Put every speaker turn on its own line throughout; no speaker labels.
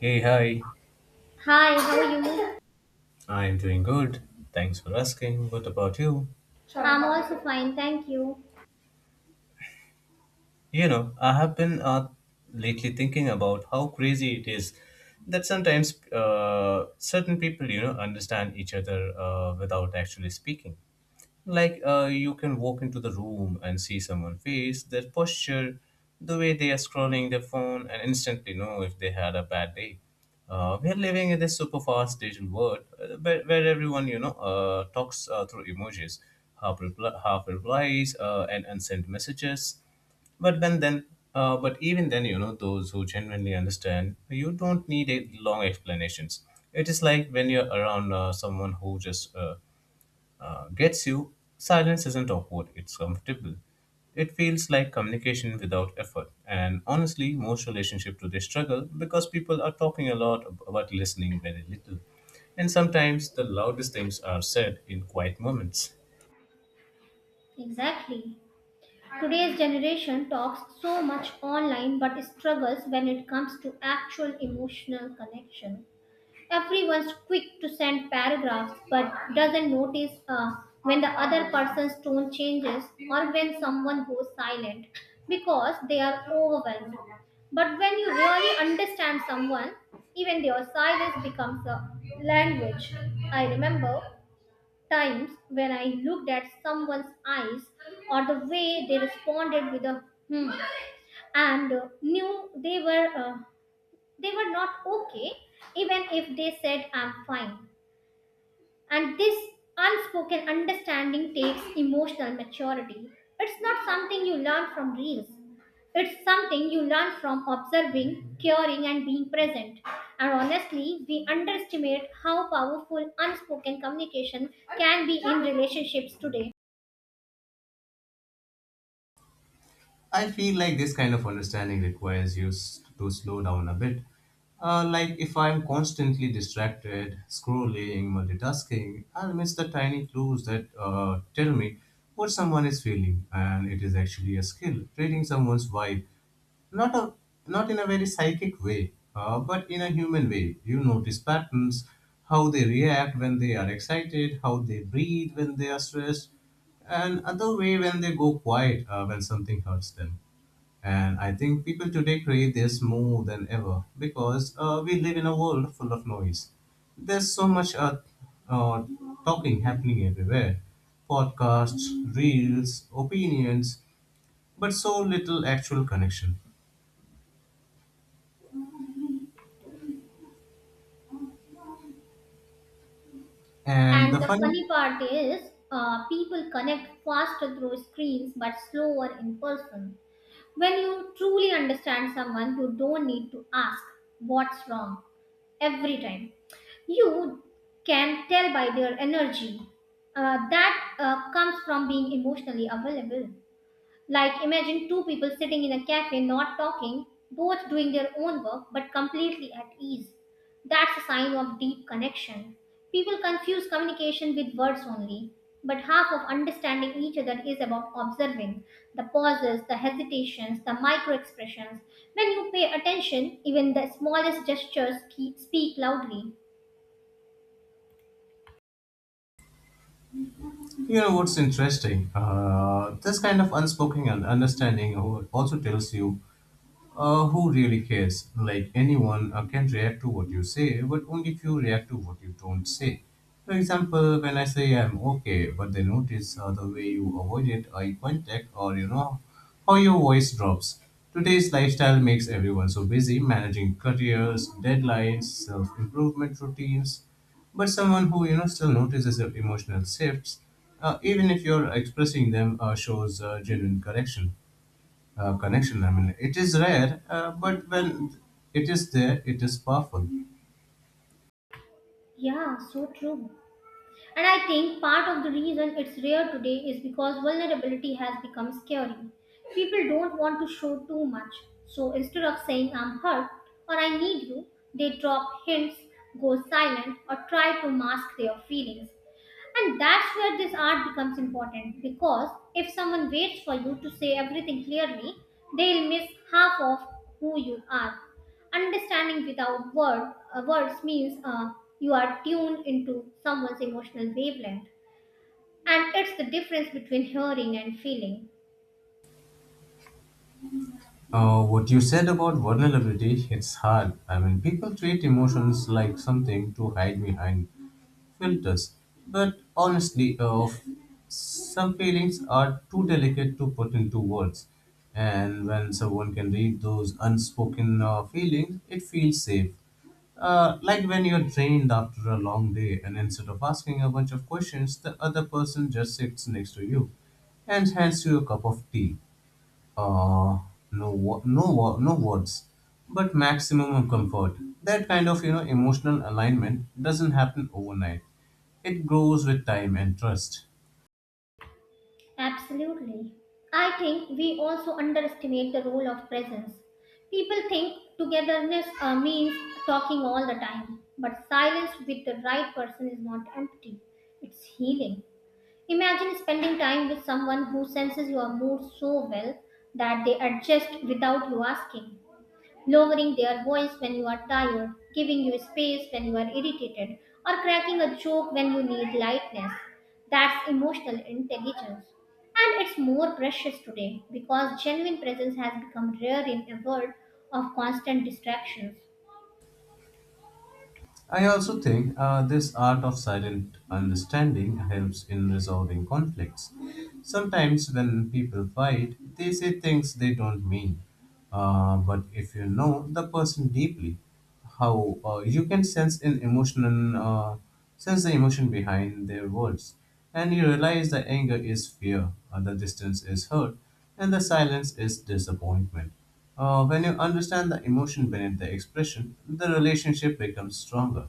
Hey, hi.
Hi, how are you?
I'm doing good. Thanks for asking. What about you?
I'm also fine, thank you.
I have been lately thinking about how crazy it is that sometimes certain people, understand each other without actually speaking. Like you can walk into the room and see someone's face, their posture, the way they are scrolling their phone, and instantly know if they had a bad day. We are living in this super fast digital world where everyone talks through emojis, half replies, and unsent messages. But when then, but even then, those who genuinely understand, you don't need a long explanations. It is like when you're around someone who just gets you, silence isn't awkward, it's comfortable. It feels like communication without effort. And honestly, most relationships today struggle because people are talking but listening very little. And sometimes the loudest things are said in quiet moments.
Exactly. Today's generation talks so much online but struggles when it comes to actual emotional connection. Everyone's quick to send paragraphs but doesn't notice when the other person's tone changes or when someone goes silent because they are overwhelmed. But when you really understand someone, even their silence becomes a language. I remember times when I looked at someone's eyes or the way they responded with a hmm and knew they were not okay even if they said I'm fine. And this unspoken understanding takes emotional maturity. It's not something you learn from reels. It's something you learn from observing, caring, and being present. And honestly, we underestimate how powerful unspoken communication can be in relationships today.
I feel like this kind of understanding requires to slow down a bit. Like if I'm constantly distracted, scrolling, multitasking, I'll miss the tiny clues that tell me what someone is feeling. And it is actually a skill, reading someone's vibe, not a, not in a very psychic way, but in a human way. You notice patterns: how they react when they are excited, how they breathe when they are stressed, and other way when they go quiet when something hurts them. And I think people today crave this more than ever because we live in a world full of noise. There's so much uh, talking happening everywhere: podcasts, reels, opinions, but so little actual connection. And
And
the
the
funny,
funny part is, people connect faster through screens but slower in person. When you truly understand someone, you don't need to ask what's wrong every time. You can tell by their energy, that comes from being emotionally available. Like, imagine two people sitting in a cafe, not talking, both doing their own work, but completely at ease. That's a sign of deep connection. People confuse communication with words only, but half of understanding each other is about observing the pauses, the hesitations, the micro expressions. When you pay attention, even the smallest gestures speak loudly.
you know, what's interesting? This kind of understanding also tells you who really cares. Like anyone can react to what you say, but only few react to what you don't say. For example, when I say I'm okay, but they notice the way you avoided eye contact, or you know how your voice drops. Today's lifestyle makes everyone so busy managing careers, deadlines, self-improvement routines. But someone who, you know, still notices your emotional shifts, even if you're expressing them, shows genuine correction connection. I mean, it is rare, but when it is there, it is powerful.
Yeah, so true. And I think part of the reason it's rare today is because vulnerability has become scary. People don't want to show too much. So instead of saying I'm hurt or I need you, they drop hints, go silent, or try to mask their feelings. And that's where this art becomes important because if someone waits for you to say everything clearly, they'll miss half of who you are. Understanding without words means you are tuned into someone's emotional wavelength. And it's the difference between hearing and feeling.
What you said about vulnerability, its hard. I mean, people treat emotions like something to hide behind filters. But honestly, some feelings are too delicate to put into words. And when someone can read those unspoken feelings, it feels safe. Like when you're drained after a long day, and instead of asking a bunch of questions, the other person just sits next to you and hands you a cup of tea. Uh, no words, but maximum of comfort. That kind of, you know, emotional alignment doesn't happen overnight. It grows with time and trust.
Absolutely. I think we also underestimate the role of presence. People think togetherness means talking all the time, but silence with the right person is not empty, it's healing. Imagine spending time with someone who senses your mood so well that they adjust without you asking, lowering their voice when you are tired, giving you space when you are irritated, or cracking a joke when you need lightness. That's emotional intelligence. And it's more precious today because genuine presence has become rare in a world of constant distractions.
I also think this art of silent understanding helps in resolving conflicts. Sometimes, when people fight, they say things they don't mean. But if you know the person deeply, how you can sense an emotional sense the emotion behind their words, and you realize the anger is fear, the distance is hurt, and the silence is disappointment. When you understand the emotion beneath the expression, the relationship becomes stronger,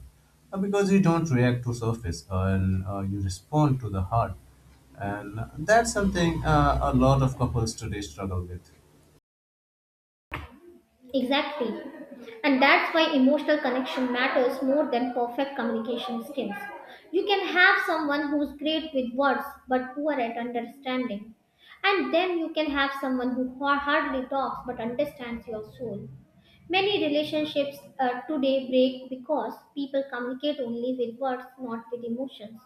Because you don't react to surface, and you respond to the heart. And that's something a lot of couples today struggle with.
Exactly. And that's why emotional connection matters more than perfect communication skills. You can have someone who's great with words but poor at understanding. And then you can have someone who hardly talks but understands your soul. Many relationships today break because people communicate only with words, not with emotions.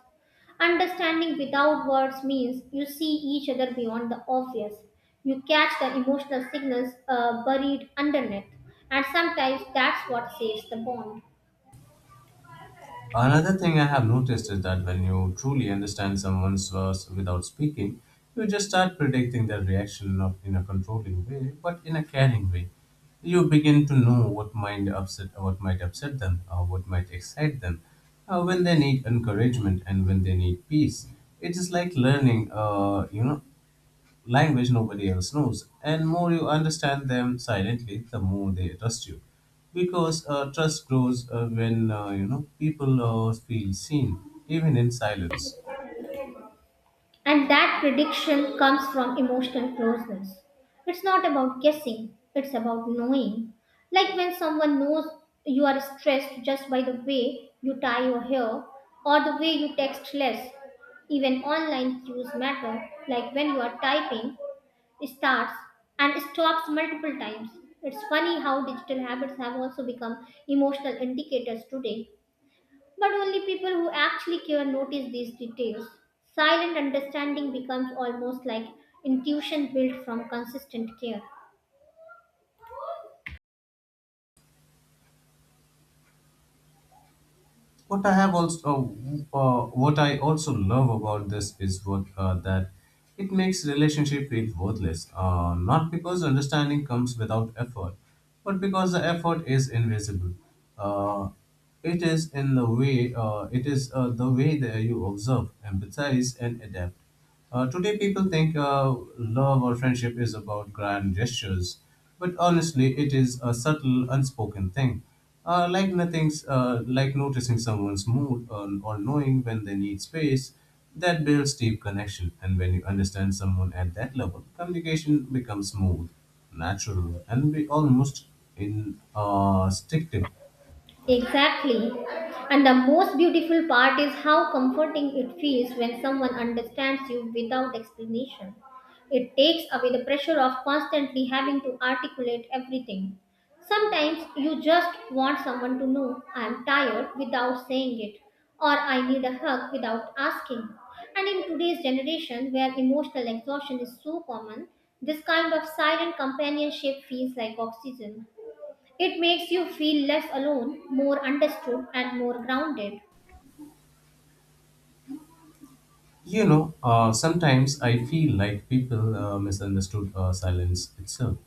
Understanding without words means you see each other beyond the obvious. You catch the emotional signals buried underneath, and sometimes that's what saves the bond.
Another thing I have noticed is that when you truly understand someone's verse without speaking, you just start predicting their reaction, not in a controlling way, but in a caring way. You begin to know what might upset them, or what might excite them, when they need encouragement and when they need peace. It is like learning, language nobody else knows. And more you understand them silently, the more they trust you. Because trust grows when, you know, people feel seen, even in silence.
And that prediction comes from emotional closeness. It's not about guessing, it's about knowing. Like when someone knows you are stressed just by the way you tie your hair or the way you text less. Even online cues matter, like when you are typing, starts and stops multiple times. It's funny how digital habits have also become emotional indicators today. But only people who actually care notice these details. Silent understanding becomes almost like intuition built from consistent care.
What I have also, what I also love about this is what that it makes relationship feel worthless. Not because understanding comes without effort, but because the effort is invisible. Uh, it is in the way. It is the way that you observe, empathize, and adapt. Today, people think love or friendship is about grand gestures, but honestly, it is a subtle, unspoken thing. Like nothing's like noticing someone's mood, or knowing when they need space, that builds deep connection. And when you understand someone at that level, communication becomes smooth, natural, and be almost instinctive.
Exactly. And the most beautiful part is how comforting it feels when someone understands you without explanation. It takes away the pressure of constantly having to articulate everything. Sometimes you just want someone to know I'm tired without saying it, or I need a hug without asking. And in today's generation, where emotional exhaustion is so common, this kind of silent companionship feels like oxygen. It makes you feel less alone, more understood, and more grounded.
You know, sometimes I feel like people misunderstood silence itself.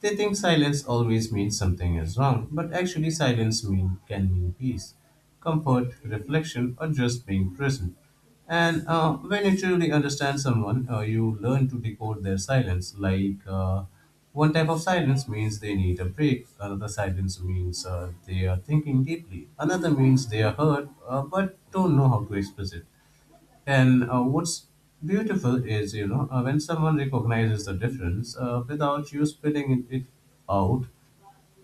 They think silence always means something is wrong, but actually, can mean peace, comfort, reflection, or just being present. And when you truly understand someone, you learn to decode their silence. Like one type of silence means they need a break, another silence means they are thinking deeply, another means they are hurt but don't know how to express it. And what's beautiful is, when someone recognizes the difference without you spitting it, it out.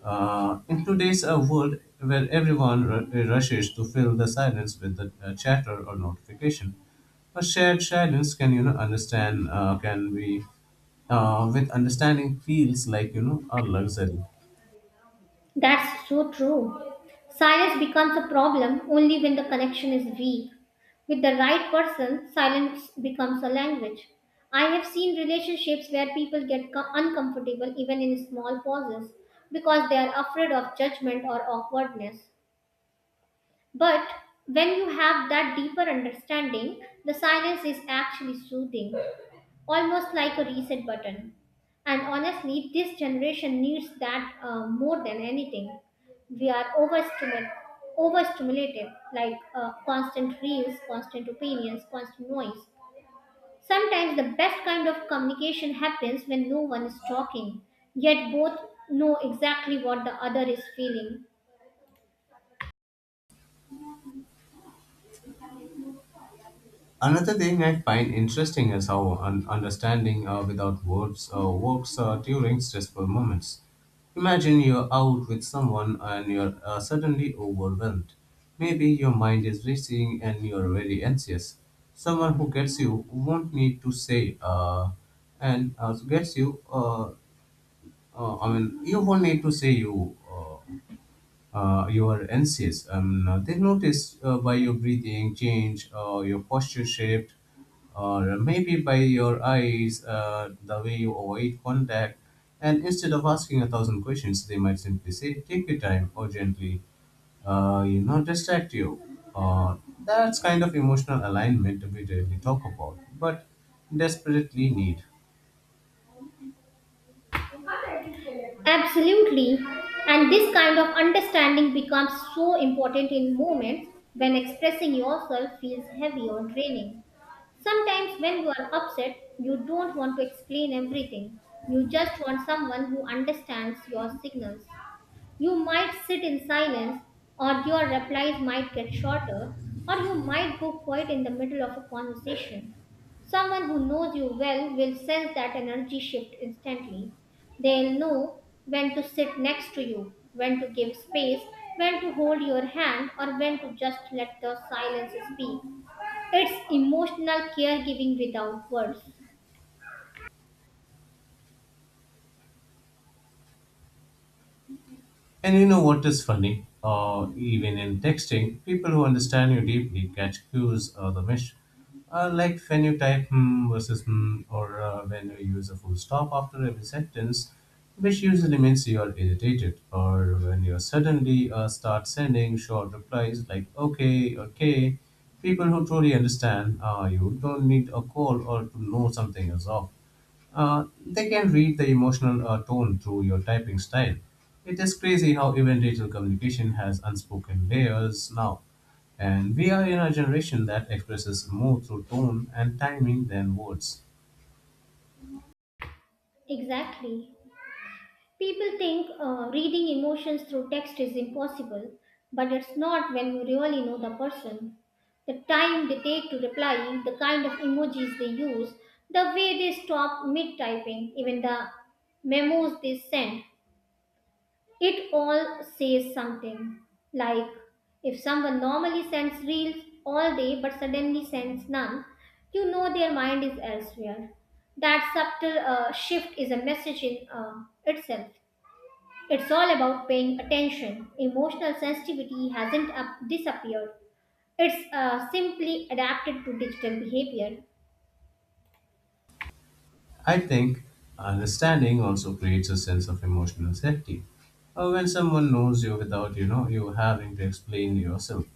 In today's world where everyone rushes to fill the silence with the chatter or notification, a shared silence can be, with understanding, feels like, you know, a luxury.
That's so true. Silence becomes a problem only when the connection is weak. With the right person, silence becomes a language. I have seen relationships where people get uncomfortable even in small pauses because they are afraid of judgment or awkwardness. But when you have that deeper understanding, the silence is actually soothing, almost like a reset button. And honestly, this generation needs that, more than anything. We are overstimulated like constant reels, constant opinions, constant noise. Sometimes the best kind of communication happens when no one is talking, yet both know exactly what the other is feeling.
Another thing I find interesting is how understanding without words works during stressful moments. Imagine you're out with someone and you're suddenly overwhelmed. Maybe your mind is racing and you're very anxious. Someone who gets you won't need to say, and uh, gets you, uh, I mean, you won't need to say your NCS. They notice by your breathing change, your posture shift, or maybe by your eyes, the way you avoid contact. And instead of asking a thousand questions, they might simply say, "Take your time," or gently, distract you. Uh, that's kind of emotional alignment we rarely talk about, but desperately need.
Absolutely. And this kind of understanding becomes so important in moments when expressing yourself feels heavy or draining. Sometimes, when you are upset, you don't want to explain everything. You just want someone who understands your signals. You might sit in silence, or your replies might get shorter, or you might go quiet in the middle of a conversation. Someone who knows you well will sense that energy shift instantly. They'll know when to sit next to you, when to give space, when to hold your hand, or when to just let the silence speak. It's emotional caregiving without words.
And you know what is funny? Even in texting, people who understand you deeply catch cues of the mish. Like when you type hmm versus hmm, or when you use a full stop after every sentence, which usually means you are irritated, or when you suddenly start sending short replies like okay, okay. People who truly understand, you don't need a call or to know something is off. They can read the emotional tone through your typing style. It is crazy how even digital communication has unspoken layers now. And we are in a generation that expresses more through tone and timing than words.
Exactly. People think reading emotions through text is impossible, but it's not when you really know the person. The time they take to reply, the kind of emojis they use, the way they stop mid typing, even the memos they send, it all says something. Like if someone normally sends reels all day but suddenly sends none, you know their mind is elsewhere. That subtle shift is a message in itself. It's all about paying attention. Emotional sensitivity hasn't disappeared, it's simply adapted to digital behavior.
I think understanding also creates a sense of emotional safety. When someone knows you without you having to explain yourself,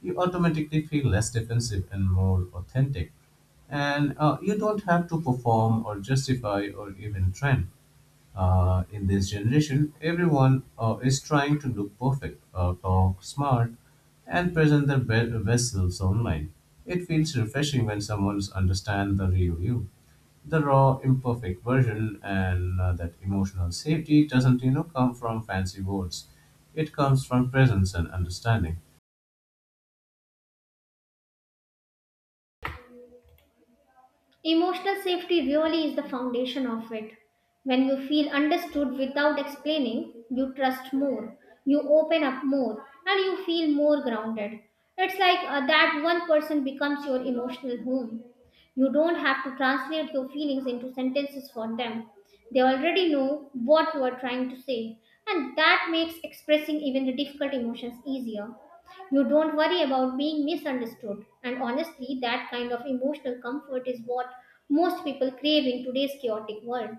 you automatically feel less defensive and more authentic. And you don't have to perform or justify or even trend. In this generation, everyone is trying to look perfect, talk smart, and present their best selves online. It feels refreshing when someone understands the real you, the raw, imperfect version, and that emotional safety doesn't, you know, come from fancy words. It comes from presence and understanding.
Emotional safety really is the foundation of it. When you feel understood without explaining, you trust more, you open up more, and you feel more grounded. It's like that one person becomes your emotional home. You don't have to translate your feelings into sentences for them. They already know what you are trying to say, and that makes expressing even the difficult emotions easier. You don't worry about being misunderstood. And honestly, that kind of emotional comfort is what most people crave in today's chaotic world.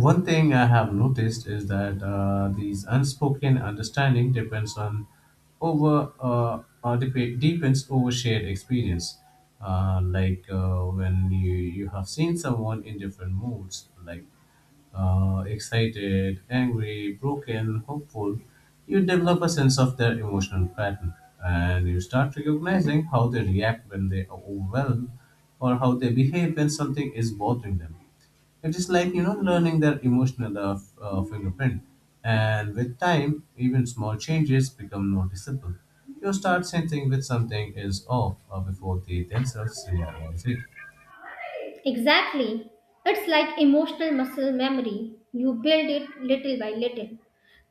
One thing I have noticed is that these unspoken understanding depends on depends over shared experience. Like when you have seen someone in different moods, like excited, angry, broken, hopeful, you develop a sense of their emotional pattern, and you start recognizing how they react when they are overwhelmed, or how they behave when something is bothering them. It is like, you know, learning their emotional fingerprint, and with time, even small changes become noticeable. You start sensing that something is off before they themselves realize it.
Exactly. It's like emotional muscle memory. You build it little by little.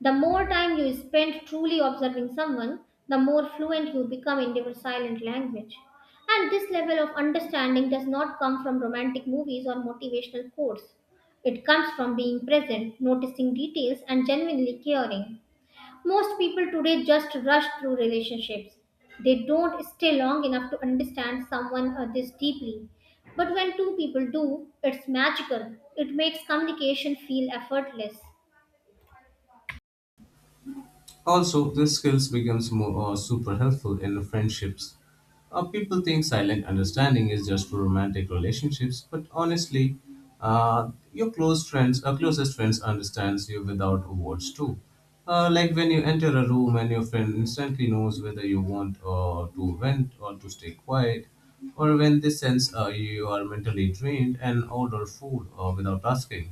The more time you spend truly observing someone, the more fluent you become in their silent language. And this level of understanding does not come from romantic movies or motivational quotes. It comes from being present, noticing details, and genuinely caring. Most people today just rush through relationships. They don't stay long enough to understand someone or this deeply. But when two people do, it's magical. It makes communication feel effortless.
Also, these skills becomes more super helpful in friendships. People think silent understanding is just for romantic relationships, but honestly, closest friends, understands you without words too. Like when you enter a room and your friend instantly knows whether you want to vent or to stay quiet, or when they sense you are mentally drained and order food without asking.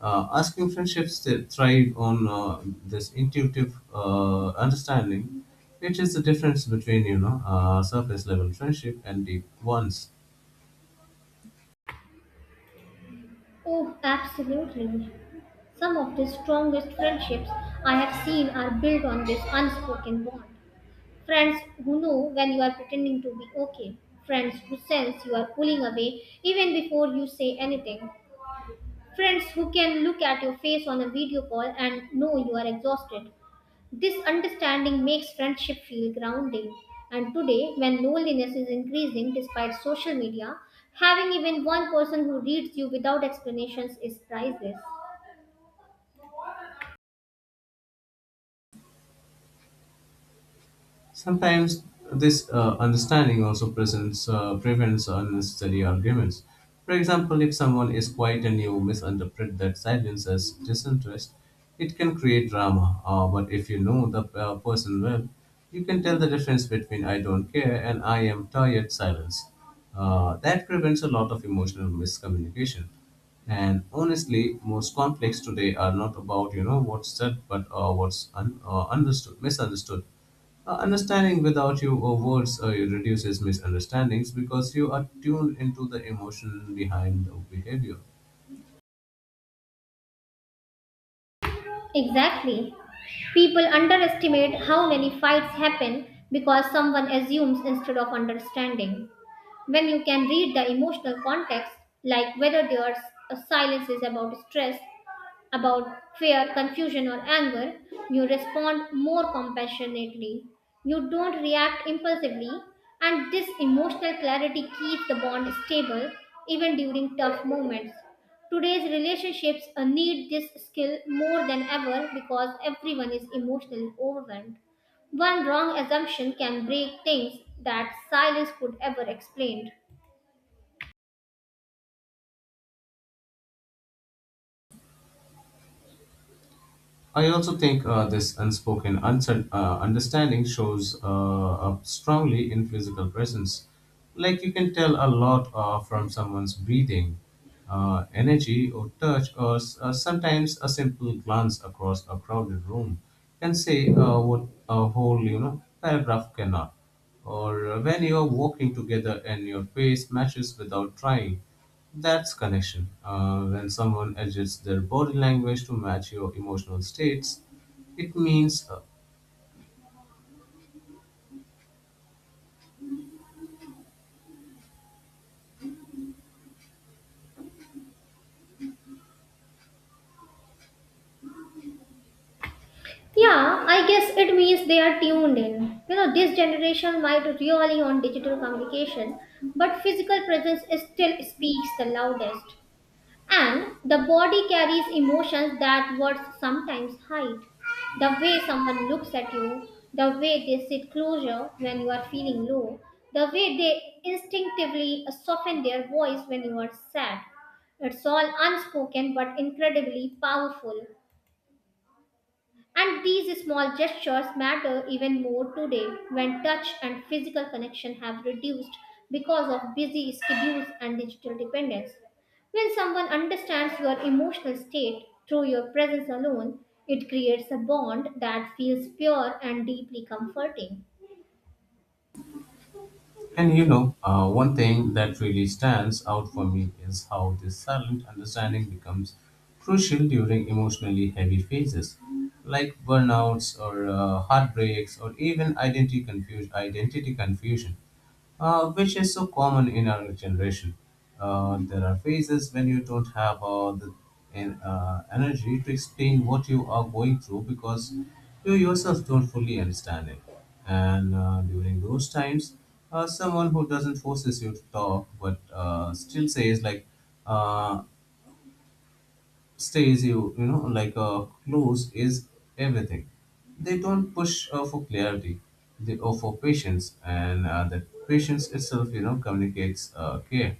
Asking friendships that thrive on this intuitive understanding, which is the difference between, you know, surface level friendship and deep ones.
Oh, absolutely. Some of the strongest friendships I have seen are built on this unspoken bond. Friends who know when you are pretending to be okay. Friends who sense you are pulling away even before you say anything. Friends who can look at your face on a video call and know you are exhausted. This understanding makes friendship feel grounding. And today, when loneliness is increasing despite social media, having even one person who reads you without explanations is priceless.
Sometimes this understanding also prevents unnecessary arguments. For example, if someone is quiet and you misinterpret that silence as disinterest, it can create drama. But if you know the person well, you can tell the difference between I don't care and I am tired silence. That prevents a lot of emotional miscommunication. And honestly, most conflicts today are not about what's said, but understood, misunderstood. Understanding without your words reduces misunderstandings because you are tuned into the emotion behind the behavior.
Exactly. People underestimate how many fights happen because someone assumes instead of understanding. When you can read the emotional context, like whether their silence is about stress, about fear, confusion, or anger, you respond more compassionately. You don't react impulsively, and this emotional clarity keeps the bond stable even during tough moments. Today's relationships need this skill more than ever because everyone is emotionally overwhelmed. One wrong assumption can break things that silence could ever explain.
I also think this unspoken understanding shows up strongly in physical presence. Like you can tell a lot from someone's breathing, energy, or touch, or sometimes a simple glance across a crowded room can say what a whole paragraph cannot. Or when you are walking together and your face matches without trying, that's connection. When someone adjusts their body language to match your emotional states, it means uh.
Yeah, I guess it means they are tuned in. You know, this generation might really on digital communication, but physical presence is still speaks the loudest. And the body carries emotions that words sometimes hide. The way someone looks at you, the way they sit closer when you are feeling low, the way they instinctively soften their voice when you are sad. It's all unspoken but incredibly powerful. And these small gestures matter even more today when touch and physical connection have reduced because of busy schedules and digital dependence. When someone understands your emotional state through your presence alone, it creates a bond that feels pure and deeply comforting.
And one thing that really stands out for me is how this silent understanding becomes crucial during emotionally heavy phases, like burnouts or heartbreaks or even identity confusion. Identity confusion which is so common in our generation. There are phases when you don't have the energy to explain what you are going through because you yourself don't fully understand it. And during those times, someone who doesn't forces you to talk but still says like uh, stays you you know like close is everything. They don't push for clarity, they or for patience, and that patience itself communicates care.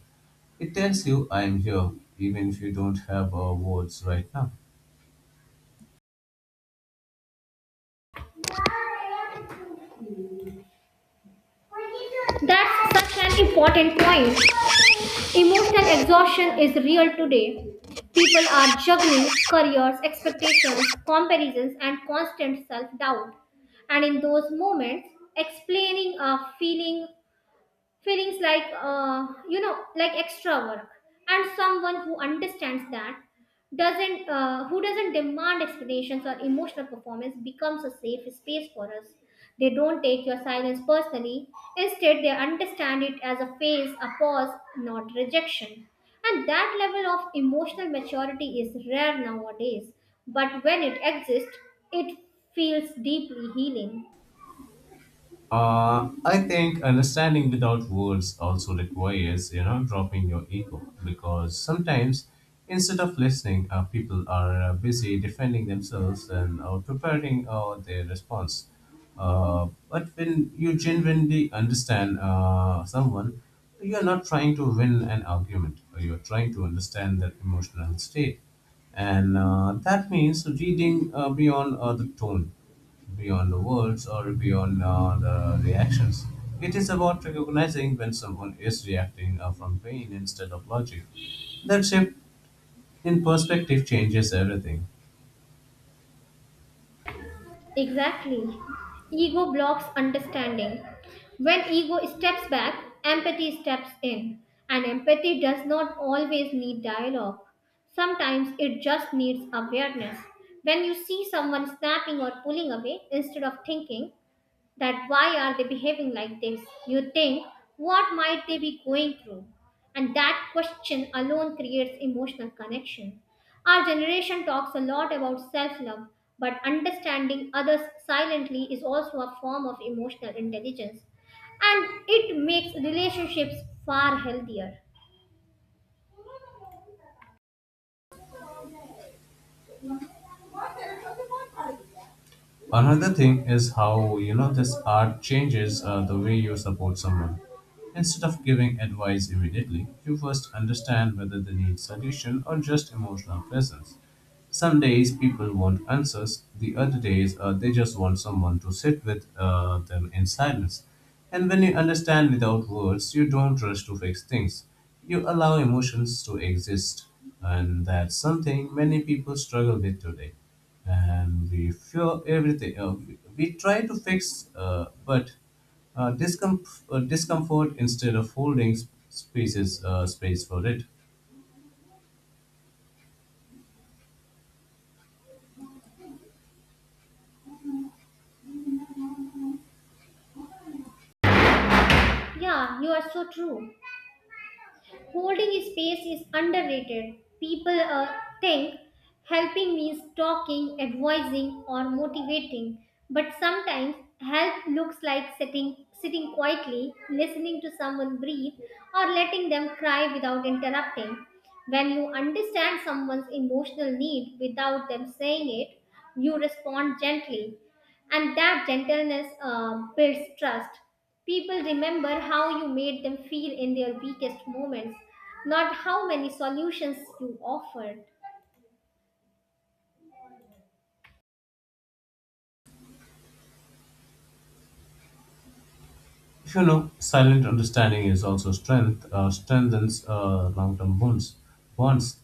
It tells you I am here even if you don't have words right now.
That's such an important point. Emotional exhaustion is real today. People are juggling careers, expectations, comparisons, and constant self doubt. And in those moments, explaining a feelings like, you know, like extra work, and someone who understands that doesn't who doesn't demand explanations or emotional performance becomes a safe space for us. They don't take your silence personally, instead they understand it as a phase, a pause, not rejection. And that level of emotional maturity is rare nowadays, but when it exists, it feels deeply healing.
I think understanding without words also requires, dropping your ego because sometimes instead of listening, people are busy defending themselves and preparing their response. But when you genuinely understand someone, you're not trying to win an argument, you're trying to understand their emotional state, and that means reading beyond the tone, beyond the words, or beyond the reactions. It is about recognizing when someone is reacting from pain instead of logic. That shift in perspective changes everything.
Exactly. Ego blocks understanding. When ego steps back, empathy steps in. And empathy does not always need dialogue. Sometimes it just needs awareness. When you see someone snapping or pulling away, instead of thinking, that why are they behaving like this, you think, what might they be going through? And that question alone creates emotional connection. Our generation talks a lot about self love, but understanding others silently is also a form of emotional intelligence, and it makes relationships far healthier.
Another thing is how this art changes the way you support someone. Instead of giving advice immediately, you first understand whether they need solution or just emotional presence. Some days people want answers, the other days they just want someone to sit with them in silence. And when you understand without words, you don't rush to fix things. You allow emotions to exist, and that's something many people struggle with today, and we feel everything. We try to fix, discomfort instead of holding space for it.
Yeah, you are so true. Holding space is underrated. People think helping means talking, advising, or motivating, but sometimes help looks like sitting quietly, listening to someone breathe, or letting them cry without interrupting. When you understand someone's emotional need without them saying it, you respond gently, and that gentleness builds trust. People remember how you made them feel in their weakest moments, not how many solutions you offered.
If silent understanding is also strengthens long-term bonds. Bonds.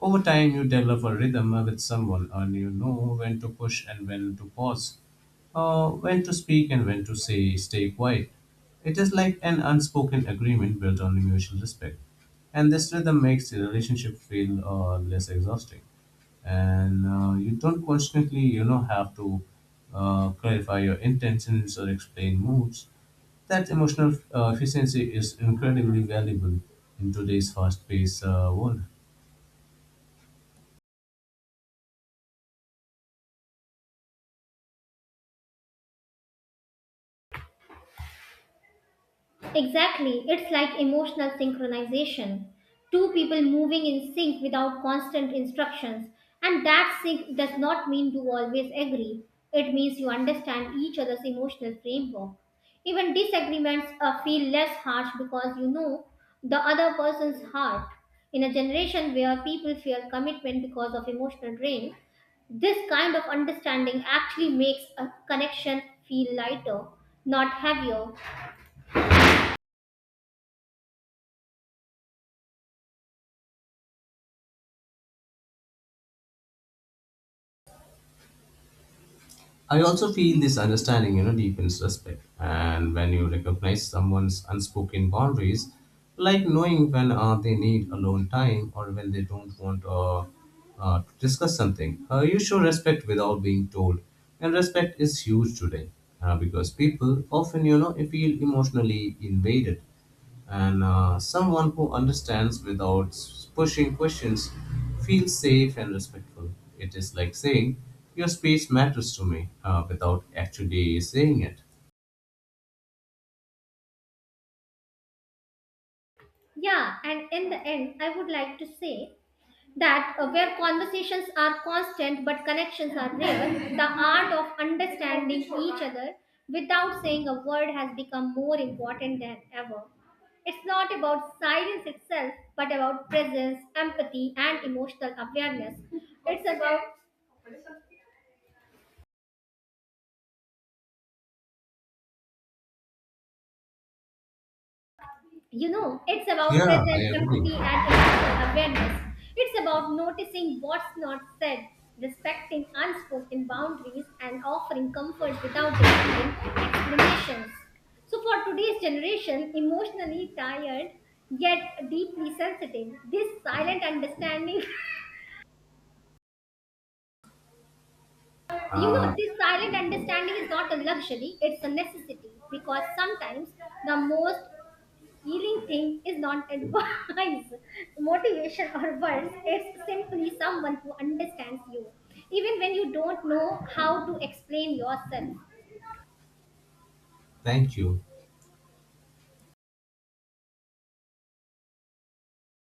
Over time, you develop a rhythm with someone, and you know when to push and when to pause, when to speak and when to say stay quiet. It is like an unspoken agreement built on mutual respect, and this rhythm makes the relationship feel less exhausting, and you don't constantly have to clarify your intentions or explain moods. That emotional efficiency is incredibly valuable in today's fast-paced world.
Exactly, it's like emotional synchronization. Two people moving in sync without constant instructions. And that sync does not mean you always agree, it means you understand each other's emotional framework. Even disagreements feel less harsh because you know the other person's heart. In a generation where people fear commitment because of emotional drain, this kind of understanding actually makes a connection feel lighter, not heavier.
I also feel this understanding, deepens respect. And when you recognize someone's unspoken boundaries, like knowing when they need alone time or when they don't want to discuss something, you show respect without being told. And respect is huge today because people often, feel emotionally invaded, and someone who understands without pushing questions feels safe and respectful. It is like saying, your space matters to me without actually saying it.
Yeah, and in the end, I would like to say that, where conversations are constant but connections are rare, the art of understanding each other without saying a word has become more important than ever. It's not about silence itself, but about presence, empathy, and emotional awareness. It's about— You know, it's about
Yeah, I
presence,
agree.
empathy, and emotional awareness. It's about noticing what's not said, respecting unspoken boundaries, and offering comfort without demanding explanations. So, for today's generation, emotionally tired yet deeply sensitive, this silent understanding You know, this silent understanding is not a luxury, it's a necessity because sometimes the most healing thing is not advice, motivation, or words. It's simply someone who understands you, even when you don't know how to explain yourself.
Thank you.